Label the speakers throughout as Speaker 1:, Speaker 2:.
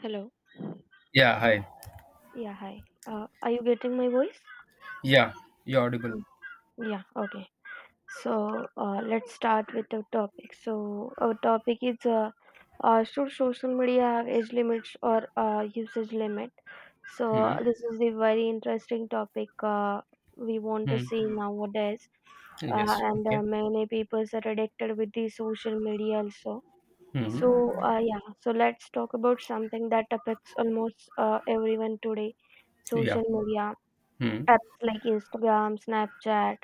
Speaker 1: Hello.
Speaker 2: Yeah, hi.
Speaker 1: Yeah, hi. Are you getting my voice?
Speaker 2: Yeah, you're audible.
Speaker 1: Mm, yeah, okay. So let's start with the topic. So our topic is should social media have age limits or usage limit? So
Speaker 2: Hmm.
Speaker 1: uh, this is a very interesting topic. We want to
Speaker 2: Hmm.
Speaker 1: see nowadays, uh,
Speaker 2: Yes.
Speaker 1: and uh,
Speaker 2: Okay.
Speaker 1: many people are addicted with the social media also.
Speaker 2: Hmm.
Speaker 1: So let's talk about something that affects almost everyone today,
Speaker 2: Yeah.
Speaker 1: social media.
Speaker 2: Hmm.
Speaker 1: Apps like Instagram, Snapchat,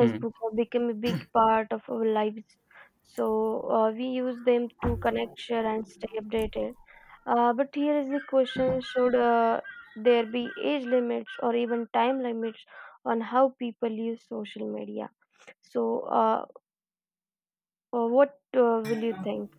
Speaker 2: Hmm.
Speaker 1: have become a big part of our lives. So we use them to connect, share, and stay updated. But here is the question: should there be age limits or even time limits on how people use social media? So what will you think?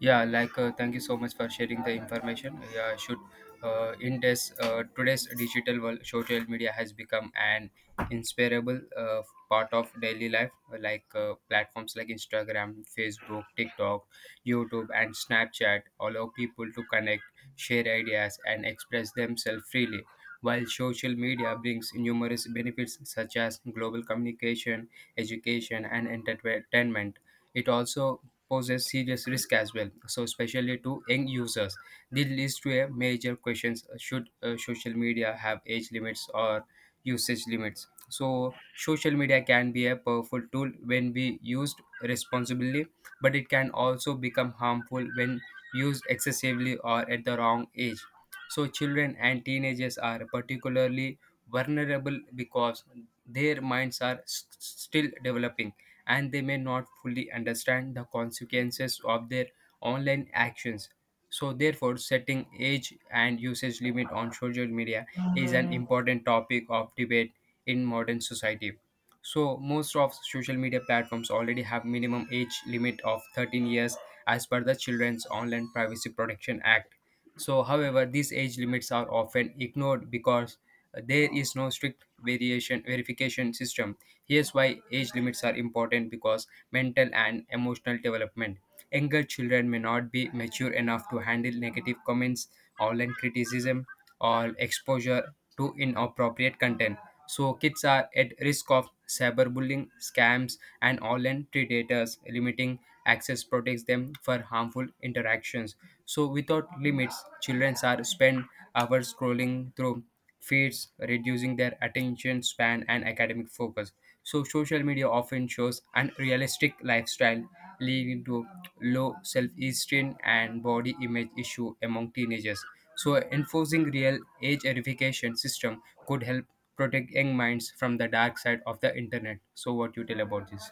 Speaker 2: Yeah, like thank you so much for sharing the information. Yeah, I should in this today's digital world, social media has become an inseparable part of daily life. Like platforms like Instagram, Facebook, TikTok, YouTube, and Snapchat allow people to connect, share ideas, and express themselves freely. While social media brings numerous benefits such as global communication, education, and entertainment, it also poses serious risk as well. So, especially to young users, this leads to a major questions: should social media have age limits or usage limits? So, social media can be a powerful tool when we used responsibly, but it can also become harmful when used excessively or at the wrong age. So, children and teenagers are particularly vulnerable because their minds are still developing and they may not fully understand the consequences of their online actions. So, therefore, setting age and usage limit on social media is an important topic of debate in modern society. So, most of social media platforms already have minimum age limit of 13 years as per the Children's Online Privacy Protection Act. So, however, these age limits are often ignored because there is no strict variation verification system. Here's why age limits are important: because mental and emotional development. Younger children may not be mature enough to handle negative comments, online criticism, or exposure to inappropriate content. So, kids are at risk of cyberbullying, scams, and online predators, limiting access protects them for harmful interactions. So, without limits, children are spend hours scrolling through feeds, reducing their attention span and academic focus. So, social media often shows unrealistic lifestyle, leading to low self-esteem and body image issue among teenagers. So, enforcing real age verification system could help protect young minds from the dark side of the internet. So, what you tell about this?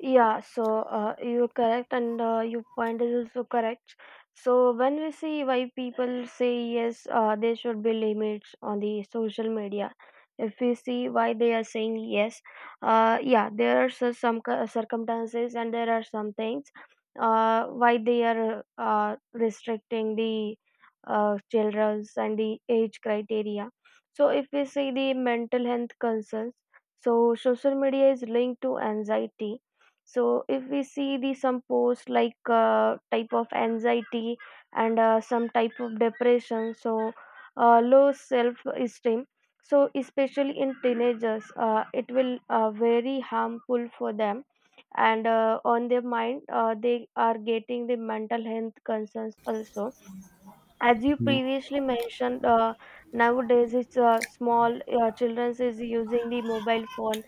Speaker 1: Yeah, so you're correct, and your point is also correct. So, when we see why people say yes, there should be limits on the social media. If we see why they are saying yes, yeah, there are some circumstances and there are some things why they are restricting the children's and the age criteria. So, if we see the mental health concerns, so social media is linked to anxiety, so if we see the some posts like type of anxiety and some type of depression, so low self-esteem. So especially in teenagers, it will very harmful for them, and on their mind, they are getting the mental health concerns also as you
Speaker 2: Mm-hmm.
Speaker 1: previously mentioned. Nowadays it's small children is using the mobile phone,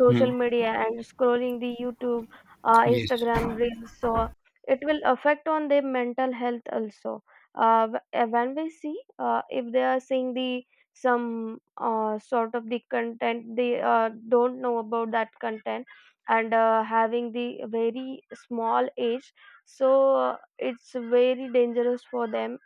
Speaker 1: social media, and scrolling the YouTube,
Speaker 2: Yes.
Speaker 1: Instagram reels. So it will affect on their mental health also. When we see if they are seeing the some sort of the content, they don't know about that content and having the very small age, so it's very dangerous for them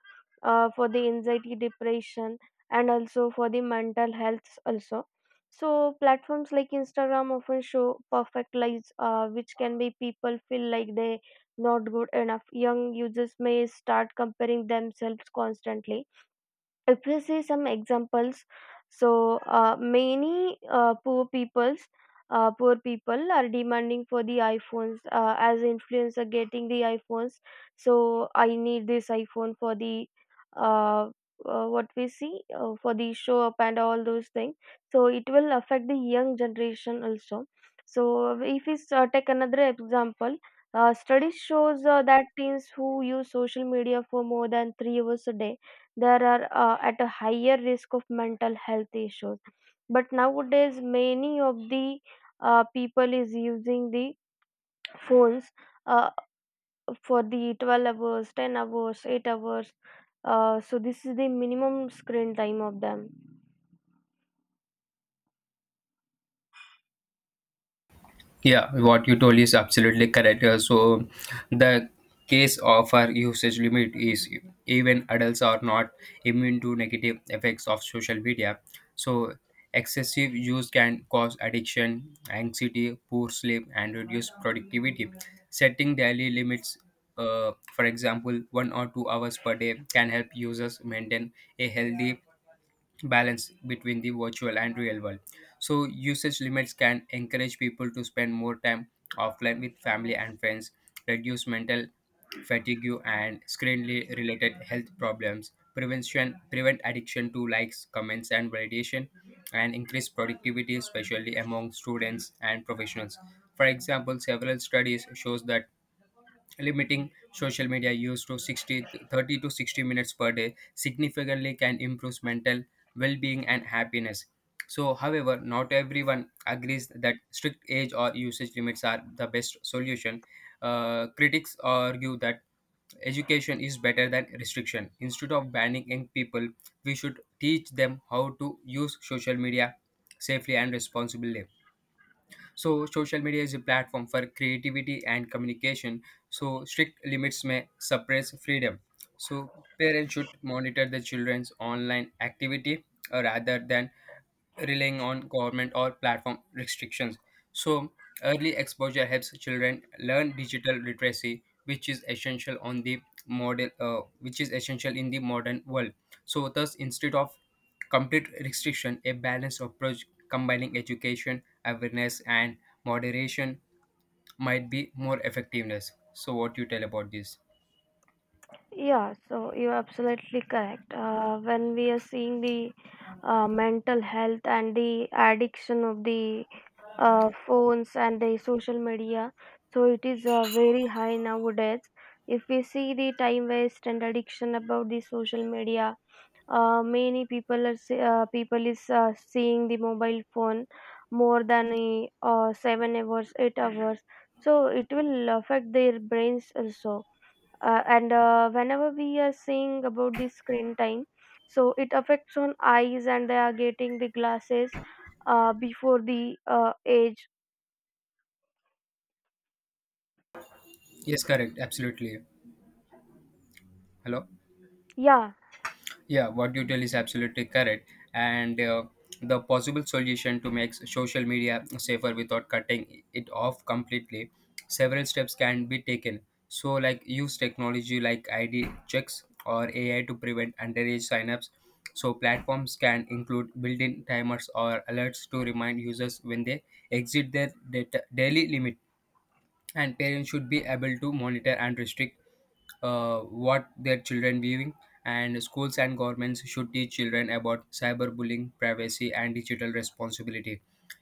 Speaker 1: for the anxiety, depression, and also for the mental health also. So platforms like Instagram often show perfect lives, which can make people feel like they not good enough. Young users may start comparing themselves constantly. If we see some examples, so many poor peoples, poor people are demanding for the iPhones, as influencer getting the iPhones, so I need this iPhone for the uh, what we see, for the show up and all those things. So it will affect the young generation also. So if we take another example, studies shows that teens who use social media for more than 3 hours a day, there are at a higher risk of mental health issues. But nowadays many of the people is using the phones uh, for the 12 hours, 10 hours, 8 hours, so this is the minimum screen time of them.
Speaker 2: Yeah, what you told is absolutely correct. So, the case of our usage limit is even adults are not immune to negative effects of social media. So, excessive use can cause addiction, anxiety, poor sleep, and reduce productivity. Setting daily limits, for example, 1 or 2 hours per day, can help users maintain a healthy balance between the virtual and real world. So, usage limits can encourage people to spend more time offline with family and friends, reduce mental fatigue and screen related health problems, prevent addiction to likes, comments, and validation, and increase productivity, especially among students and professionals. For example, several studies shows that limiting social media use to 60 30 to 60 minutes per day significantly can improve mental well being and happiness. So, however, not everyone agrees that strict age or usage limits are the best solution. Critics argue that education is better than restriction. Instead of banning young people, we should teach them how to use social media safely and responsibly. So social media is a platform for creativity and communication. So strict limits may suppress freedom. So parents should monitor the children's online activity rather than relying on government or platform restrictions. So, early exposure helps children learn digital literacy, which is essential in the modern world. So, thus, instead of complete restriction, a balanced approach combining education, awareness, and moderation might be more effectiveness. So, what you tell about this?
Speaker 1: Yeah, so you're absolutely correct when we are seeing the mental health and the addiction of the phones and the social media. So it is very high nowadays. If we see the time waste and addiction about the social media, many people are people is seeing the mobile phone more than 7 hours, 8 hours. So it will affect their brains also. And whenever we are seeing about the screen time, so it affects on eyes and they are getting the glasses before the age.
Speaker 2: Yes, correct, absolutely. Hello.
Speaker 1: या
Speaker 2: Yeah, what you tell is absolutely correct. And the possible solution to make social media safer without cutting it off completely, several steps can be taken. So, like use technology like ID checks or AI to prevent underage signups. So, platforms can include built in timers or alerts to remind users when they exit their data, daily limit. And parents should be able to monitor and restrict what their children viewing. And schools and governments should teach children about cyberbullying privacy and digital responsibility.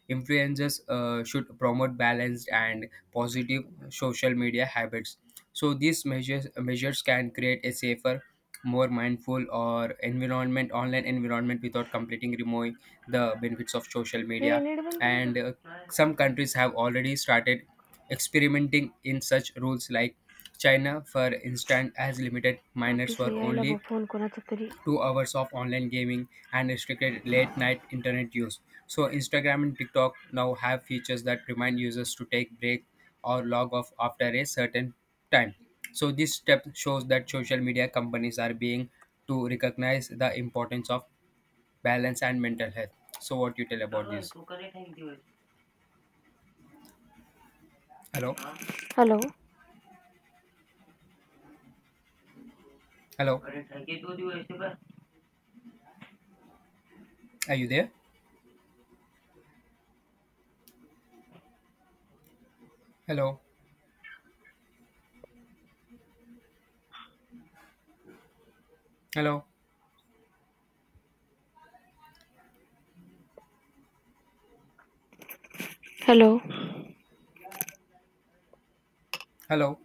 Speaker 2: Influencers should promote balanced and positive social media habits. So these measures can create a safer, more mindful or environment online environment without completely removing the benefits of social
Speaker 1: हे
Speaker 2: media.
Speaker 1: Net बंद केलं का?
Speaker 2: And some countries have already started experimenting in such rules like China, for instance, has limited minors
Speaker 1: office
Speaker 2: for
Speaker 1: यायला बघ,
Speaker 2: only
Speaker 1: phone कोणाचा तरी.
Speaker 2: 2 hours of online gaming and restricted late night internet use. So, Instagram and TikTok now have features that remind users to take break or log off after a certain time. So, this step shows that social media companies are being to recognize the importance of balance and mental health. So, what you tell about this? Hello,
Speaker 1: hello.
Speaker 2: hello, are you there? Hello, hello,
Speaker 1: hello.
Speaker 2: hello.